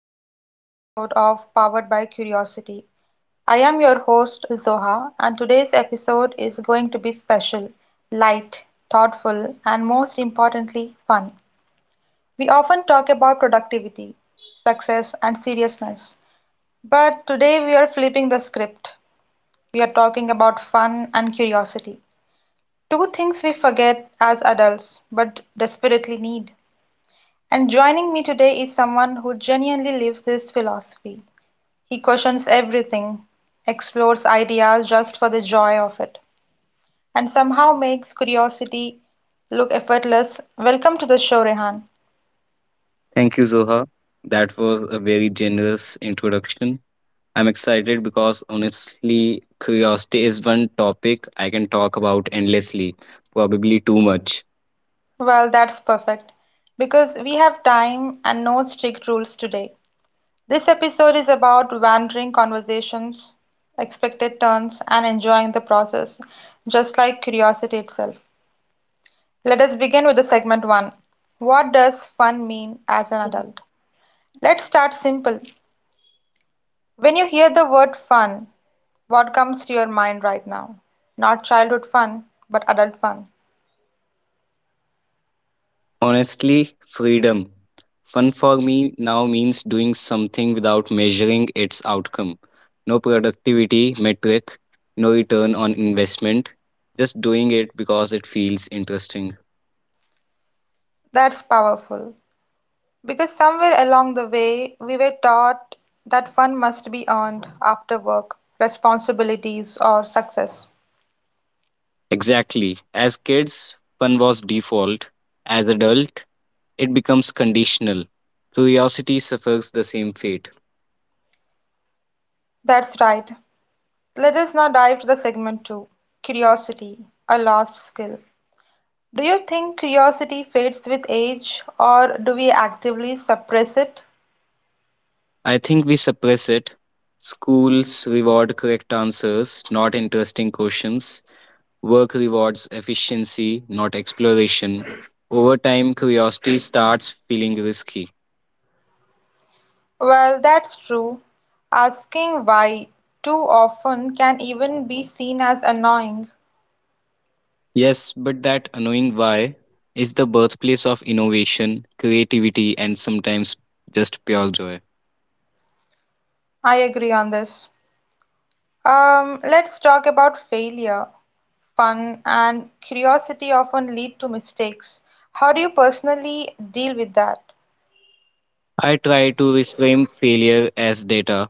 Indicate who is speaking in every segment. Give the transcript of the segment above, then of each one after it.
Speaker 1: to another episode of Powered by Curiosity. I am your host, Zoha, and today's episode is going to be special, light, thoughtful, and most importantly, fun. We often talk about productivity, success, and seriousness, but today we are flipping the script. We are talking about fun and curiosity, two things we forget as adults but desperately need. And joining me today is someone who genuinely lives this philosophy. He questions everything, explores ideas just for the joy of it, and somehow makes curiosity look effortless. Welcome to the show, Rehan.
Speaker 2: Thank you, Zoha. That was a very generous introduction. I'm excited because honestly, curiosity is one topic I can talk about endlessly, probably too much.
Speaker 1: Well, that's perfect because we have time and no strict rules today. This episode is about wandering conversations, expected turns, and enjoying the process, just like curiosity itself. Let us begin with the segment 1. What does fun mean as an adult? Let's start simple. When you hear the word fun, what comes to your mind right now? Not childhood fun, but adult fun.
Speaker 2: Honestly, freedom. Fun for me now means doing something without measuring its outcome. No productivity metric, no return on investment, just doing it because it feels interesting.
Speaker 1: That's powerful. Because somewhere along the way, we were taught that fun must be earned after work, responsibilities, or success.
Speaker 2: Exactly. As kids, fun was default. As adult, it becomes conditional. Curiosity suffers the same fate.
Speaker 1: That's right. Let us now dive to the segment 2, curiosity, a lost skill. Do you think curiosity fades with age, or do we actively suppress it?
Speaker 2: I think we suppress it. Schools reward correct answers, not interesting questions. Work rewards efficiency, not exploration. Over time, curiosity starts feeling risky.
Speaker 1: Well, that's true. Asking why too often can even be seen as annoying.
Speaker 2: Yes, but that annoying why is the birthplace of innovation, creativity, and sometimes just pure joy.
Speaker 1: I agree on this. Let's talk about failure. Fun and curiosity often lead to mistakes. How do you personally deal with that?
Speaker 2: I try to reframe failure as data.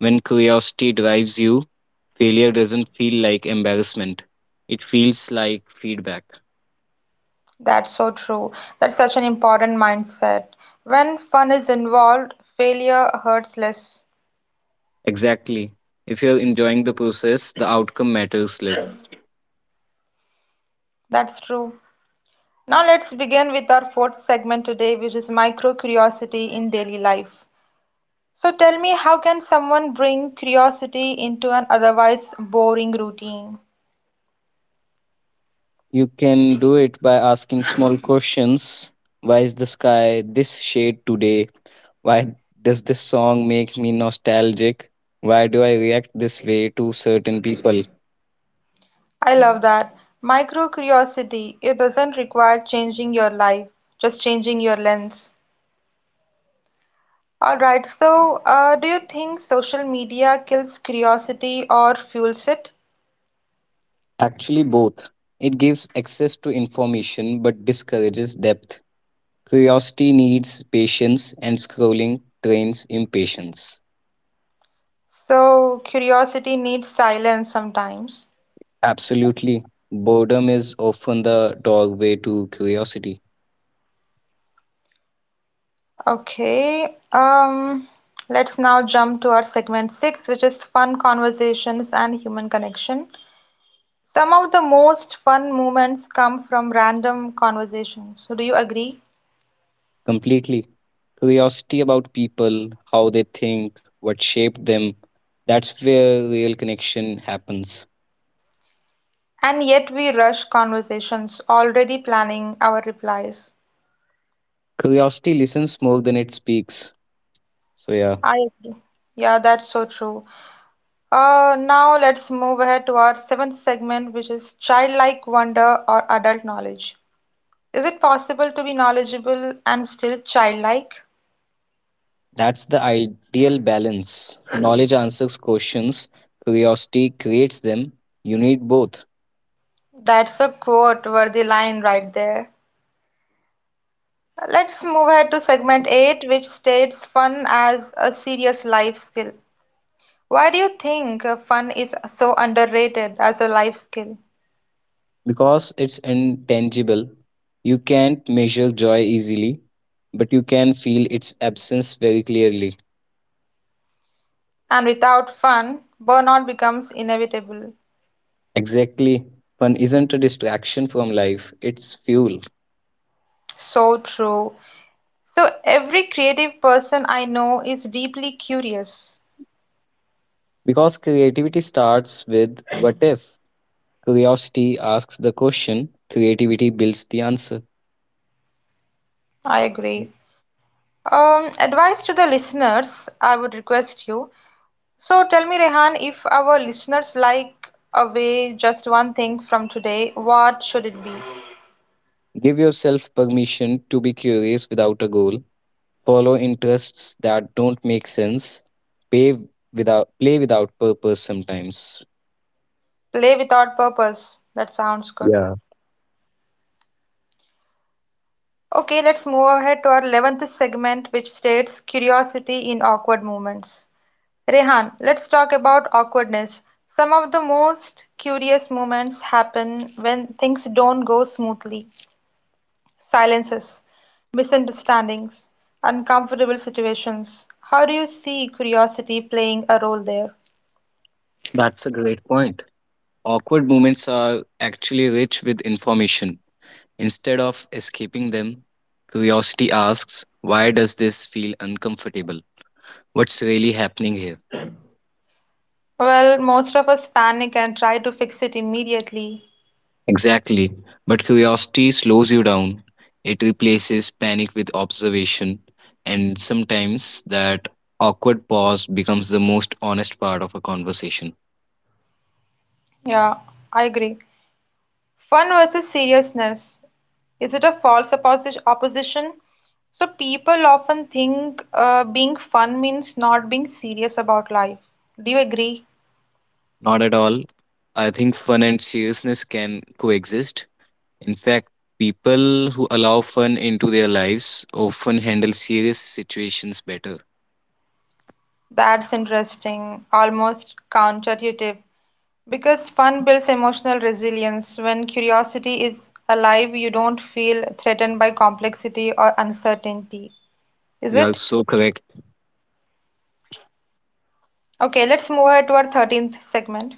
Speaker 2: When curiosity drives you, failure doesn't feel like embarrassment. It feels like feedback.
Speaker 1: That's so true. That's such an important mindset. When fun is involved, failure hurts less.
Speaker 2: Exactly. If you're enjoying the process, the outcome matters less.
Speaker 1: That's true. Now let's begin with our fourth segment today, which is micro curiosity in daily life. So tell me, how can someone bring curiosity into an otherwise boring routine?
Speaker 2: You can do it by asking small questions. Why is the sky this shade today? Why does this song make me nostalgic? Why do I react this way to certain people?
Speaker 1: I love that. Micro curiosity, it doesn't require changing your life, just changing your lens. All right, so do you think social media kills curiosity or fuels it?
Speaker 2: Actually, both. It gives access to information but discourages depth. Curiosity needs patience, and scrolling trains impatience.
Speaker 1: So curiosity needs silence sometimes.
Speaker 2: Absolutely. Boredom is often the doorway to curiosity.
Speaker 1: Okay, let's now jump to our segment six, which is fun conversations and human connection. Some of the most fun moments come from random conversations. So, do you agree?
Speaker 2: Completely. Curiosity about people, how they think, what shaped them. That's where real connection happens.
Speaker 1: And yet we rush conversations, already planning our replies.
Speaker 2: Curiosity listens more than it speaks. So, yeah.
Speaker 1: I agree. Yeah, that's so true. Now let's move ahead to our seventh segment, which is childlike wonder or adult knowledge. Is it possible to be knowledgeable and still childlike?
Speaker 2: That's the ideal balance. Knowledge answers questions, curiosity creates them. You need both
Speaker 1: That's a quote worthy line right there. Let's move ahead to segment 8, which states fun as a serious life skill. Why do you think fun is so underrated as a life skill?
Speaker 2: because it's intangible. You can't measure joy easily, but you can feel its absence very clearly.
Speaker 1: And without fun, burnout becomes inevitable.
Speaker 2: Exactly. Fun isn't a distraction from life, it's fuel.
Speaker 1: So true. So, every creative person I know is deeply curious.
Speaker 2: Because creativity starts with what if. Curiosity asks the question, creativity builds the answer.
Speaker 1: I agree. Advice to the listeners, I would request you. So tell me, Rehan, if our listeners like away just one thing from today, what should it be?
Speaker 2: Give yourself permission to be curious without a goal follow interests that don't make sense, pay without play without purpose sometimes.
Speaker 1: Play without purpose. That sounds good.
Speaker 2: Yeah.
Speaker 1: Okay, let's move ahead to our 11th segment, which states curiosity in awkward moments. Rehan, let's talk about awkwardness. Some of the most curious moments happen when things don't go smoothly. Silences, misunderstandings, uncomfortable situations. How do you see curiosity playing a role there?
Speaker 2: That's a great point. Awkward moments are actually rich with information. Instead of escaping them, curiosity asks, why does this feel uncomfortable? What's really happening here?
Speaker 1: Well, most of us panic and try to fix it immediately.
Speaker 2: Exactly. But curiosity slows you down. It replaces panic with observation. And sometimes that awkward pause becomes the most honest part of a conversation.
Speaker 1: Yeah, I agree. Fun versus seriousness. Is it a false opposition? So people often think being fun means not being serious about life. Do you agree?
Speaker 2: Not at all. I think fun and seriousness can coexist. In fact, people who allow fun into their lives often handle serious situations better.
Speaker 1: That's interesting, almost counterintuitive. Because fun builds emotional resilience. When curiosity is alive, you don't feel threatened by complexity or uncertainty. Is
Speaker 2: You are
Speaker 1: it?
Speaker 2: so correct.
Speaker 1: Okay, let's move ahead to our 13th segment.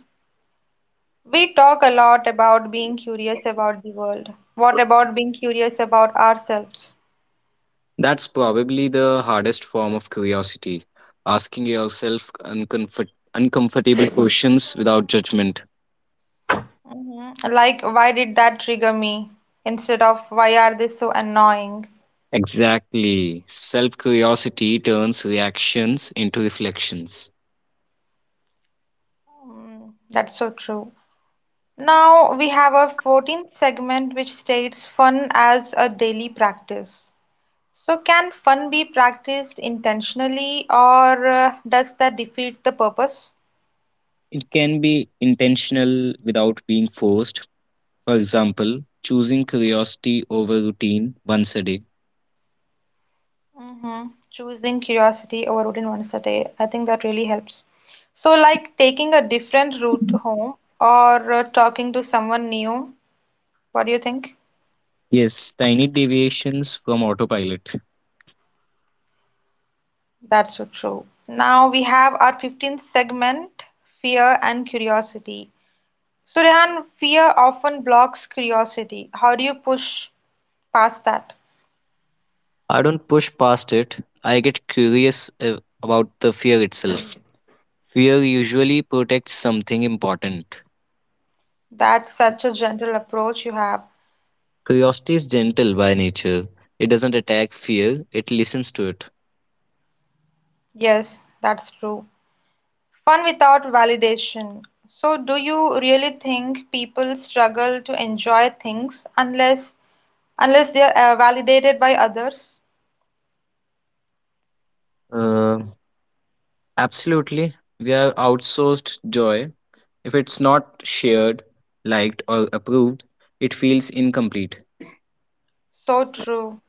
Speaker 1: We talk a lot about being curious about the world. What about being curious about ourselves?
Speaker 2: That's probably the hardest form of curiosity, asking yourself uncomfortable questions without judgment.
Speaker 1: Mhm. Like, why did that trigger me? Instead of, why are they so annoying?
Speaker 2: Exactly. Self curiosity turns reactions into reflections.
Speaker 1: Mm, that's so true. Now we have our 14th segment, which states fun as a daily practice. So, can fun be practiced intentionally, or does that defeat the purpose?
Speaker 2: It can be intentional without being forced. For example, choosing curiosity over routine once a day.
Speaker 1: Hmm. Choosing curiosity over routine once a day. I think that really helps. So, like taking a different route home or talking to someone new. What do you think?
Speaker 2: Yes, tiny deviations from autopilot.
Speaker 1: That's so true. Now we have our 15th segment, fear and curiosity. So, Rehan, fear often blocks curiosity. How do you push past that?
Speaker 2: I don't push past it. I get curious about the fear itself. Fear usually protects something important.
Speaker 1: That's such a gentle approach you have.
Speaker 2: Curiosity is gentle by nature. It doesn't attack fear, it listens to it.
Speaker 1: Yes, that's true. Fun without validation. So, do you really think people struggle to enjoy things unless they are validated by others?
Speaker 2: Uh, Absolutely. We are outsourced joy. If it's not shared, liked, or approved, it feels incomplete.
Speaker 1: So true.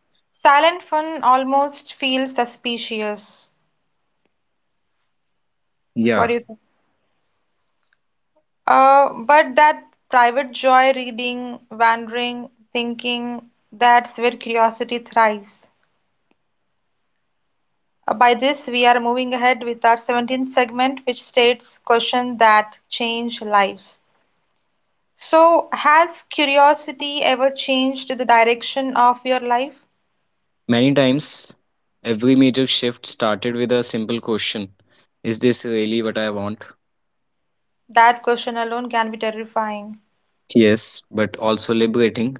Speaker 1: Silent fun almost feels suspicious. What
Speaker 2: Yeah.
Speaker 1: do you think? But that private joy, reading, wandering, thinking, that's where curiosity thrives. By this, we are moving ahead with our 17th segment, which states questions that change lives. So, has curiosity ever changed the direction of your life?
Speaker 2: Many times, every major shift started with a simple question. Is this really what I want?
Speaker 1: That question alone can be terrifying.
Speaker 2: Yes, but also liberating.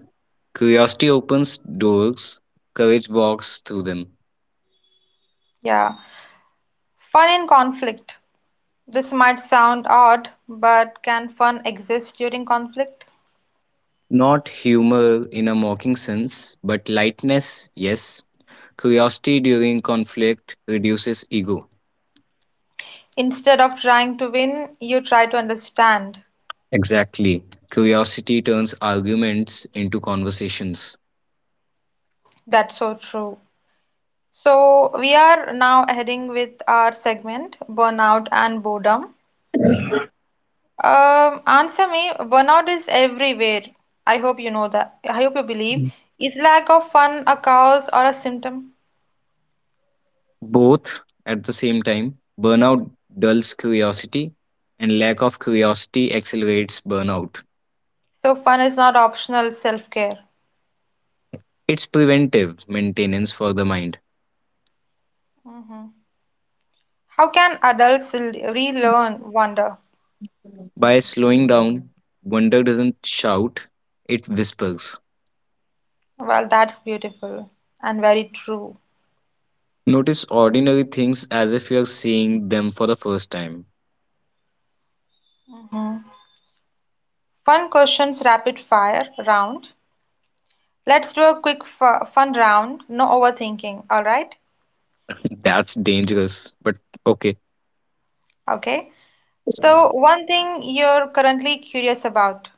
Speaker 2: Curiosity opens doors, courage walks through them.
Speaker 1: Yeah. Fun in conflict. This might sound odd, but can fun exist during conflict?
Speaker 2: Not humor in a mocking sense, but lightness, yes. Curiosity during conflict reduces ego.
Speaker 1: Instead of trying to win, you try to understand.
Speaker 2: Exactly. Curiosity turns arguments into conversations.
Speaker 1: That's so true. So, we are now heading with our segment burnout and boredom. Answer me, burnout is everywhere. I hope you know that. I hope you
Speaker 2: Mm.
Speaker 1: believe. Is lack of fun a cause or a symptom?
Speaker 2: Both at the same time, burnout dulls curiosity, and lack of curiosity accelerates burnout.
Speaker 1: So fun is not optional self-care.
Speaker 2: It's preventive maintenance for the mind.
Speaker 1: Hmm. How can adults relearn wonder?
Speaker 2: By slowing down, wonder doesn't shout, it whispers.
Speaker 1: Well, that's beautiful and very true.
Speaker 2: Notice ordinary things as if you're seeing them for the first time.
Speaker 1: Hmm. Fun questions, rapid fire round. Let's do a quick fun round. No overthinking. All right?
Speaker 2: That's dangerous. But okay,
Speaker 1: Okay. So, one thing you're currently curious about.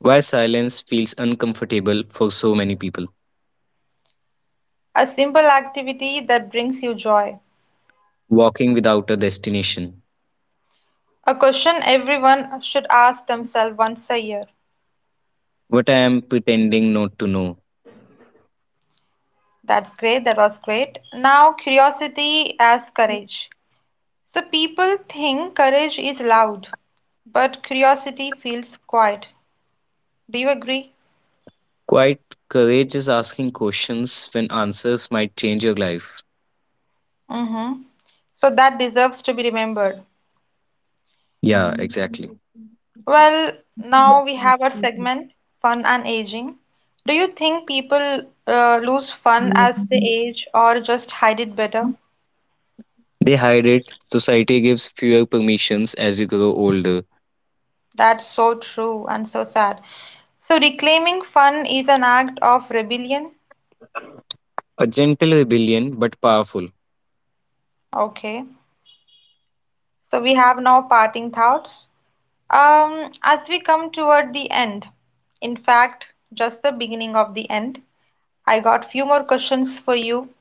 Speaker 2: why silence feels uncomfortable for so many people?
Speaker 1: A simple activity that brings you joy.
Speaker 2: Walking without a destination.
Speaker 1: A question everyone should ask themselves once a year.
Speaker 2: What I am pretending not to know.
Speaker 1: That's great, that was great. Now, curiosity as courage. So, people think courage is loud, but curiosity feels quiet. Do you agree?
Speaker 2: Quite courage is asking questions when answers might change your life.
Speaker 1: Mm-hmm. So, that deserves to be remembered.
Speaker 2: Yeah, exactly.
Speaker 1: Well, now we have our segment Fun and Aging. Do you think people lose fun as they age or just hide it better?
Speaker 2: They hide it. Society gives fewer permissions as you grow older.
Speaker 1: That's so true and so sad. So, reclaiming fun is an act of rebellion.
Speaker 2: A gentle rebellion, but powerful.
Speaker 1: Okay. So, we have now parting thoughts. As we come toward the end, in fact, just the beginning of the end, I got few more questions for you.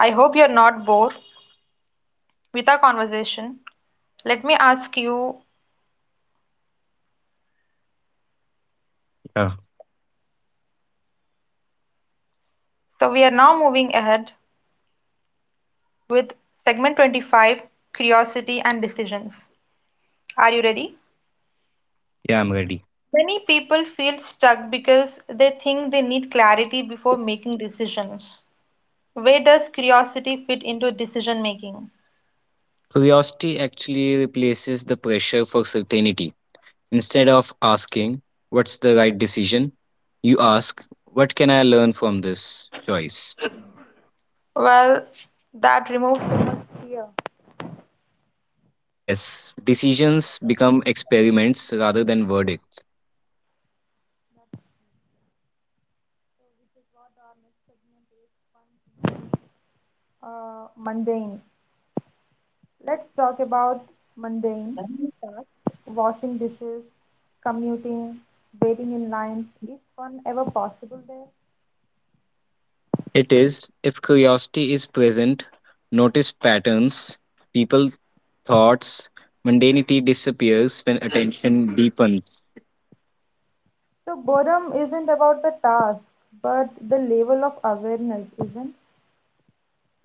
Speaker 1: I hope you're not bored with our conversation. Let me ask you.
Speaker 2: Yeah,
Speaker 1: So, we are now moving ahead with segment 25, curiosity and decisions. Are you ready?
Speaker 2: yeah, I'm ready.
Speaker 1: Many people feel stuck because they think they need clarity before making decisions. Where does curiosity fit into decision making?
Speaker 2: Curiosity actually replaces the pressure for certainty. Instead of asking, what's the right decision? You ask, what can I learn from this choice?
Speaker 1: Well, that removes so much fear.
Speaker 2: Yes, decisions become experiments rather than verdicts.
Speaker 1: Mundane. Let's talk about mundane tasks. Washing dishes, commuting, waiting in lines. Is fun ever possible there?
Speaker 2: It is, if curiosity is present, notice patterns, people, thoughts, mundanity disappears when attention deepens.
Speaker 1: So, boredom isn't about the task, but the level of awareness, isn't.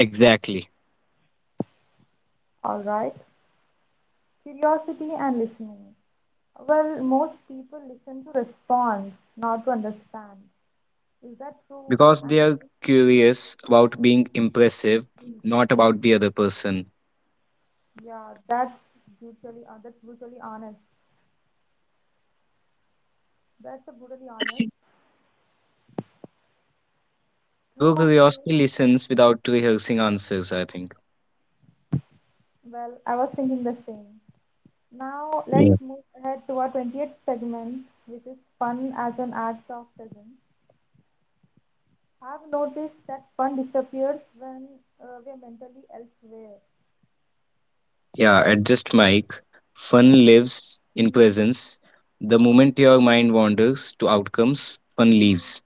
Speaker 2: Exactly.
Speaker 1: All right, curiosity and listening. Well, most people listen to respond, not to understand. Is that true?
Speaker 2: Because
Speaker 1: And
Speaker 2: they are curious about being impressive, not about the other person.
Speaker 1: yeah, that's that's brutally honest. That's a brutally honest.
Speaker 2: True
Speaker 1: True.
Speaker 2: curiosity listens without rehearsing answers, I think.
Speaker 1: Well, I was thinking the same. Now
Speaker 2: Yeah.
Speaker 1: let's move ahead to our 20th segment, which is fun as an act of presence. I've noticed that fun disappears when we're mentally elsewhere.
Speaker 2: Yeah, adjust mic. Fun lives in presence. The moment your mind wanders to outcomes, fun leaves.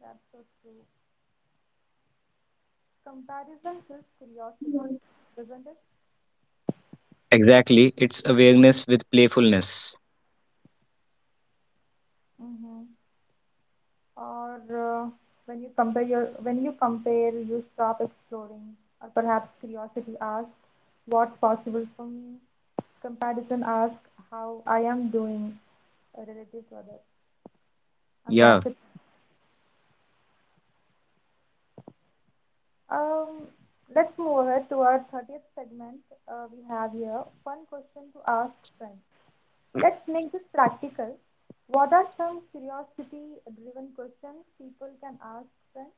Speaker 1: That's so true. Comparison kills curiosity, doesn't it?
Speaker 2: Exactly, it's awareness with playfulness.
Speaker 1: Mm-hmm. Or when you compare, you stop exploring, or perhaps curiosity asks, "What's possible for me?" Comparison asks, "How I am doing relative to others?" And that's
Speaker 2: Yeah.
Speaker 1: it. Um, let's move ahead to our 30th segment we have here. Fun question to ask friends. Let's make this practical. What are some curiosity-driven questions people can ask friends?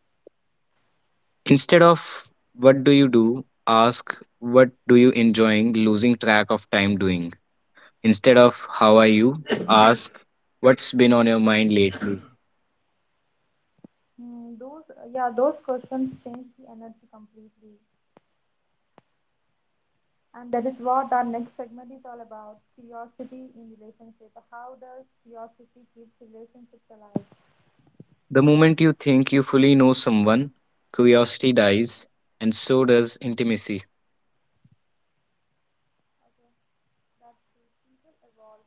Speaker 2: Instead of what do you do, ask what do you enjoying losing track of time doing. Instead of how are you, ask what's been on your mind lately.
Speaker 1: Hmm, those, yeah, those questions change the energy completely. And that is what our next segment is all about, curiosity in relationship. How does curiosity keep relationships alive?
Speaker 2: The moment you think you fully know someone, curiosity dies, and so does intimacy.
Speaker 1: That's it.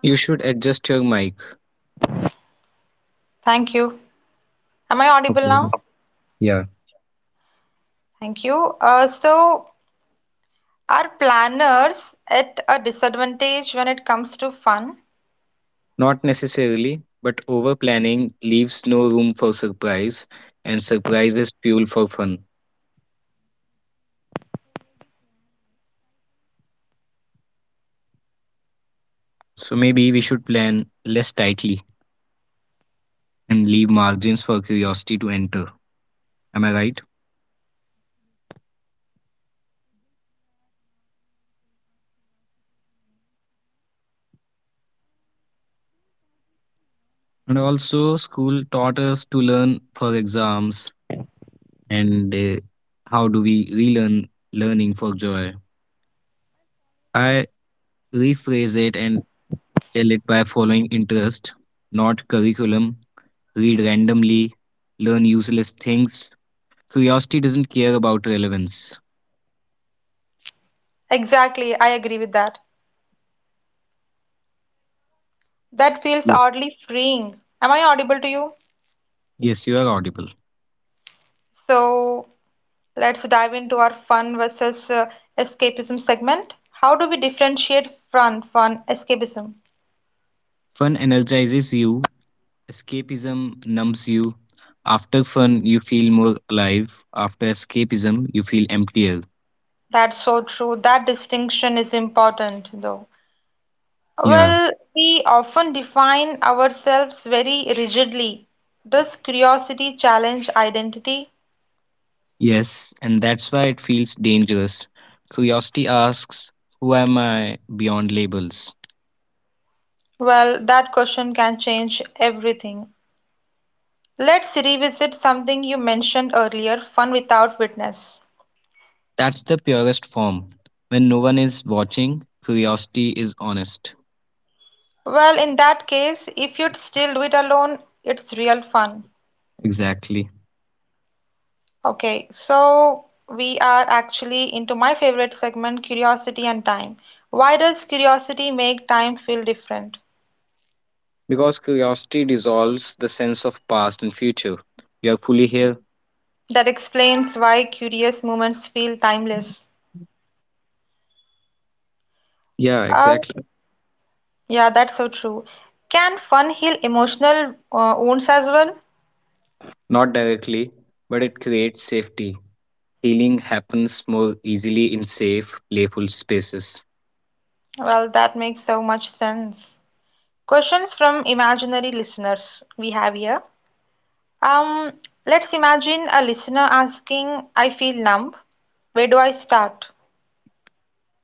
Speaker 2: You should adjust your mic.
Speaker 1: Thank you. Am I audible
Speaker 2: Okay.
Speaker 1: now?
Speaker 2: Yeah.
Speaker 1: Thank you. So, are planners at a disadvantage when it comes to fun?
Speaker 2: Not necessarily, but over planning leaves no room for surprise, and surprise is fuel for fun. So maybe we should plan less tightly and leave margins for curiosity to enter. Am I right? And also, school taught us to learn for exams, and how do we relearn learning for joy? I rephrase it and tell it by following interest, not curriculum. Read randomly, learn useless things. Curiosity doesn't care about relevance.
Speaker 1: Exactly, I agree with that. That feels
Speaker 2: Ye-
Speaker 1: oddly freeing. Am I audible to you?
Speaker 2: Yes, you are audible.
Speaker 1: So let's dive into our fun versus escapism segment. How do we differentiate fun from escapism?
Speaker 2: Fun energizes you, escapism numbs you. After fun, you feel more alive. After escapism, you feel emptier.
Speaker 1: That's so true. That distinction is important, though.
Speaker 2: Yeah.
Speaker 1: Well, we often define ourselves very rigidly. Does curiosity challenge identity?
Speaker 2: Yes, and that's why it feels dangerous. Curiosity asks, who am I beyond labels?
Speaker 1: Well, that question can change everything. Let's revisit something you mentioned earlier, fun without witness.
Speaker 2: That's the purest form. When no one is watching, curiosity is honest.
Speaker 1: Well, in that case, if you'd still do it alone, it's real fun.
Speaker 2: Exactly.
Speaker 1: Okay, so we are actually into my favorite segment, curiosity and time. Why does curiosity make time feel different?
Speaker 2: Because curiosity dissolves the sense of past and future. You are fully here?
Speaker 1: That explains why curious moments feel timeless.
Speaker 2: Yeah,
Speaker 1: Uh,
Speaker 2: exactly.
Speaker 1: yeah, that's so true. Can fun heal emotional wounds as well?
Speaker 2: Not directly, but it creates safety. Healing happens more easily in safe, playful spaces.
Speaker 1: Well, that makes so much sense. Questions from imaginary listeners we have here. Um, let's imagine a listener asking, I feel numb. Where do I start?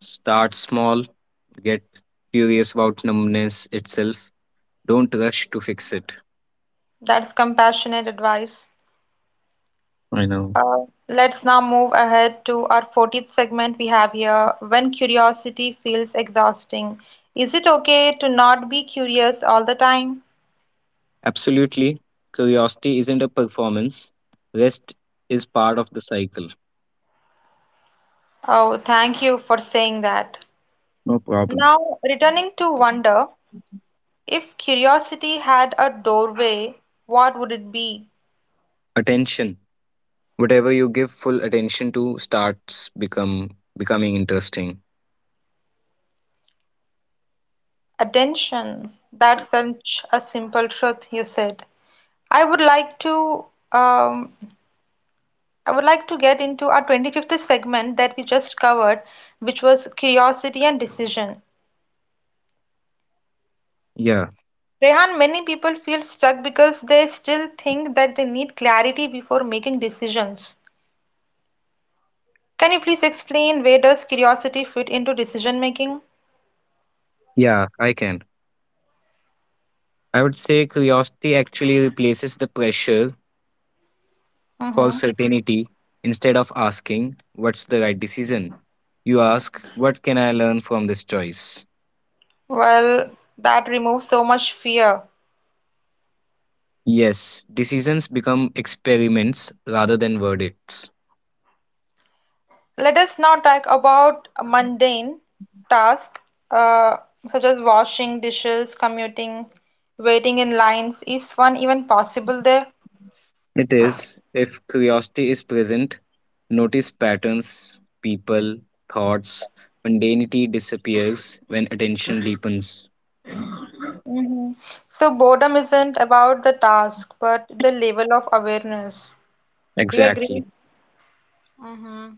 Speaker 2: Start small, get curious about numbness itself. Don't rush to fix it.
Speaker 1: That's compassionate advice.
Speaker 2: I know.
Speaker 1: Let's now move ahead to our 40th segment we have here when curiosity feels exhausting. Is it okay to not be curious all the time?
Speaker 2: Absolutely. Curiosity isn't a performance, rest is part of the cycle.
Speaker 1: Oh, thank you for saying that.
Speaker 2: No problem.
Speaker 1: Now, returning to wonder, if curiosity had a doorway, what would it be?
Speaker 2: Attention. Whatever you give full attention to starts become becoming interesting.
Speaker 1: Attention. That's such a simple truth you said. I would like to um, get into our 25th segment that we just covered, which was curiosity and decision.
Speaker 2: Yeah.
Speaker 1: Rehan, many people feel stuck because they still think that they need clarity before making decisions. Can you please explain where does curiosity fit into decision making?
Speaker 2: Yeah, I can. I would say curiosity actually replaces the pressure for
Speaker 1: Hmm.
Speaker 2: certainty instead of asking what's the right decision. You ask what can I learn from this choice?
Speaker 1: Well, that removes so much fear.
Speaker 2: Yes, decisions become experiments rather than verdicts.
Speaker 1: Let us now talk about mundane tasks, uh, such as washing dishes, commuting, waiting in lines. Is one even possible there?
Speaker 2: It is, if curiosity is present, notice patterns, people, thoughts, mundanity disappears when attention deepens.
Speaker 1: Mhm. So, boredom isn't about the task but the level of awareness. Do you
Speaker 2: Exactly.
Speaker 1: agree? Mm.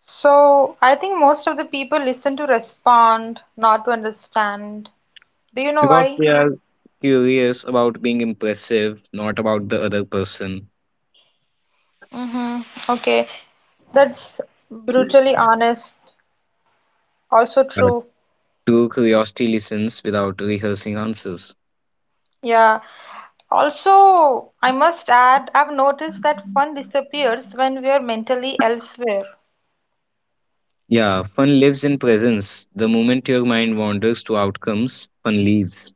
Speaker 1: So, I think most of the people listen to respond, not to understand. Do you know
Speaker 2: Because
Speaker 1: why?
Speaker 2: we are curious about being impressive, not about the other person.
Speaker 1: Mm-hmm. Okay, that's brutally honest, also
Speaker 2: Yeah,
Speaker 1: true.
Speaker 2: true curiosity listens without rehearsing answers.
Speaker 1: Yeah, also, I must add, I've noticed that fun disappears when we are mentally elsewhere.
Speaker 2: Yeah, fun lives in presence. The moment your mind wanders to outcomes, fun leaves.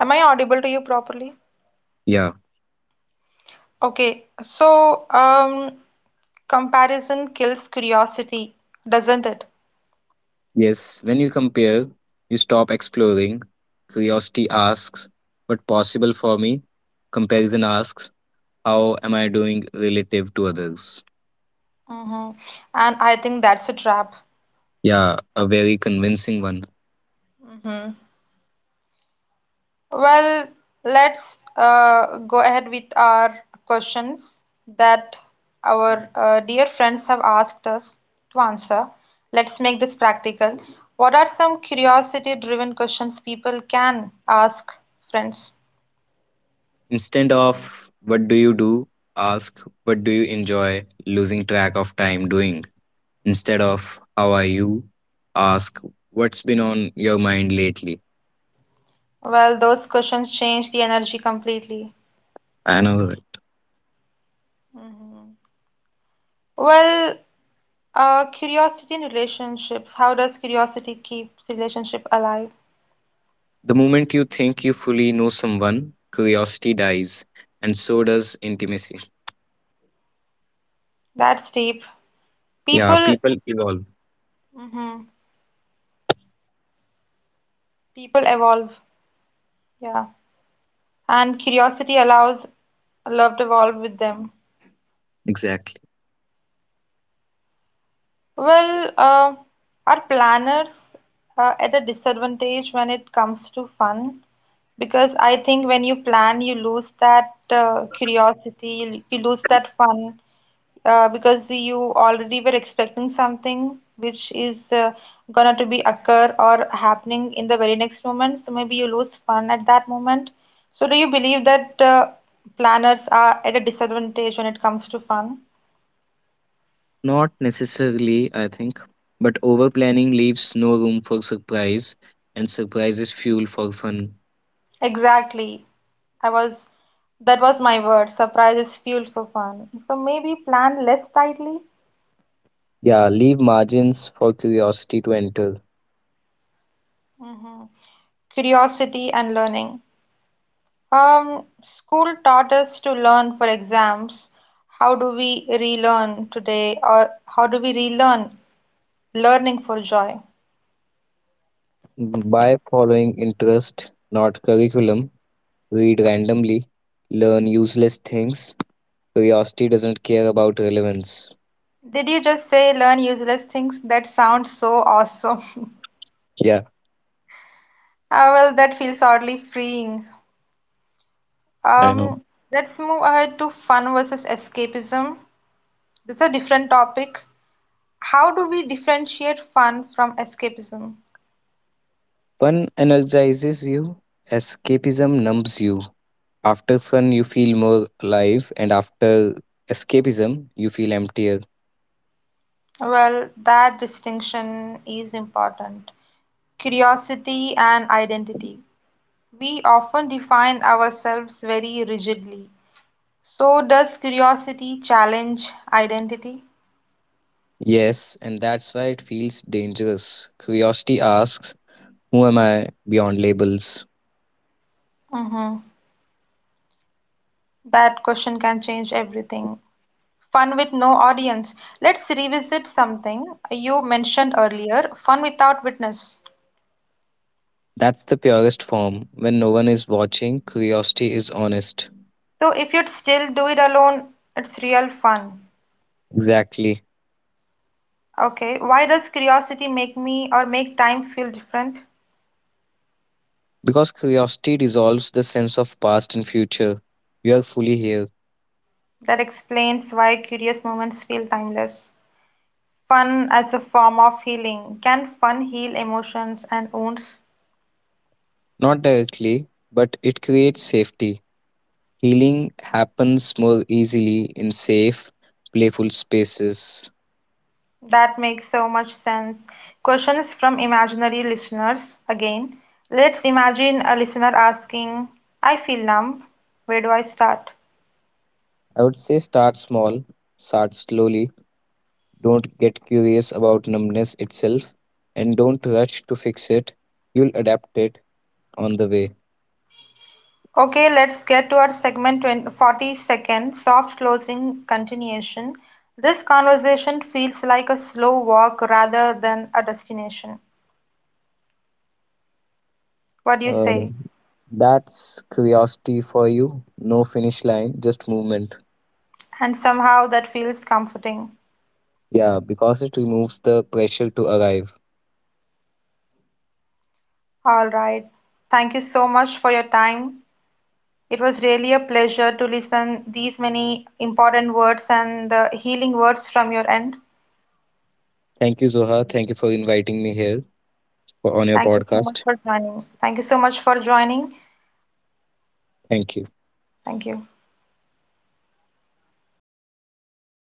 Speaker 1: Am I audible to you properly?
Speaker 2: Yeah.
Speaker 1: Okay, so comparison kills curiosity, doesn't it?
Speaker 2: Yes, when you compare, you stop exploring. Curiosity asks, what possible for me? Comparison asks, how am I doing relative to others?
Speaker 1: Hmm. And I think that's a trap.
Speaker 2: Yeah, a very convincing one.
Speaker 1: Hmm. Well, let's go ahead with our questions that our dear friends have asked us to answer. Let's make this practical. What are some curiosity-driven questions people can ask friends?
Speaker 2: Instead of what do you do, ask what do you enjoy losing track of time doing. Instead of how are you, ask what's been on your mind lately.
Speaker 1: Well, those questions change the energy completely.
Speaker 2: I know, right?
Speaker 1: Mhm. Well, curiosity in relationships. How does curiosity keep relationship alive?
Speaker 2: The moment you think you fully know someone, curiosity dies, and so does intimacy.
Speaker 1: That's deep.
Speaker 2: Yeah,
Speaker 1: People,
Speaker 2: people evolve.
Speaker 1: mhm, people evolve. Yeah, and curiosity allows love to evolve with them.
Speaker 2: Exactly.
Speaker 1: Well, our planners are at a disadvantage when it comes to fun because I think when you plan, you lose that curiosity, you lose that fun because you already were expecting something which is gonna to be occur or happening in the very next moment. So maybe you lose fun at that moment. So do you believe that planners are at a disadvantage when it comes to fun?
Speaker 2: Not necessarily, I think, but over planning leaves no room for surprise, and surprise is fuel for fun.
Speaker 1: Exactly. I was, that was my word. Surprise is fuel for fun. So maybe plan less tightly.
Speaker 2: Yeah, leave margins for curiosity to enter.
Speaker 1: Mhm. Curiosity and learning. School taught us to learn for exams. How do we relearn today, or how do we relearn learning for joy?
Speaker 2: By following interest, not curriculum, read randomly, learn useless things. Curiosity doesn't care about relevance.
Speaker 1: Did you just say learn useless things? That sounds so awesome.
Speaker 2: Yeah,
Speaker 1: Ah, well, that feels oddly freeing.
Speaker 2: I know.
Speaker 1: Um, let's move ahead to fun versus escapism. This is a different topic. How do we differentiate fun from escapism?
Speaker 2: Fun energizes you, escapism numbs you. After fun, you feel more alive, and after escapism, you feel emptier.
Speaker 1: Well, that distinction is important. Curiosity and identity. We often define ourselves very rigidly. So, does curiosity challenge identity?
Speaker 2: Yes, and that's why it feels dangerous. Curiosity asks, who am I beyond labels?
Speaker 1: Hmm. That question can change everything. Fun with no audience. Let's revisit something you mentioned earlier, fun without witness.
Speaker 2: That's the purest form. When no one is watching, curiosity is honest.
Speaker 1: So if you'd still do it alone, it's real fun.
Speaker 2: Exactly.
Speaker 1: Okay, why does curiosity make me or make time feel different?
Speaker 2: Because curiosity dissolves the sense of past and future. You are fully here.
Speaker 1: That explains why curious moments feel timeless. Fun as a form of healing. Can fun heal emotions and wounds?
Speaker 2: Not directly, but it creates safety. Healing happens more easily in safe, playful spaces.
Speaker 1: That makes so much sense. Questions from imaginary listeners again. Let's imagine a listener asking, I feel numb. Where do I start?
Speaker 2: I would say start small, start slowly, don't get curious about numbness itself, and don't rush to fix it. You'll adapt it on the way.
Speaker 1: Okay, let's get to our segment 42nd, soft closing continuation. This conversation feels like a slow walk rather than a destination. What do you
Speaker 2: Uh,
Speaker 1: say?
Speaker 2: that's curiosity for you. No finish line, just movement.
Speaker 1: And somehow that feels comforting.
Speaker 2: Yeah, because it removes the pressure to arrive.
Speaker 1: All right. Thank you so much for your time. It was really a pleasure to listen these many important words and healing words from your end.
Speaker 2: Thank you, Zoha. Thank you for inviting me here for, on your
Speaker 1: Thank you so much
Speaker 2: podcast.
Speaker 1: for joining. Thank you so much for joining.
Speaker 2: Thank you.
Speaker 1: Thank you.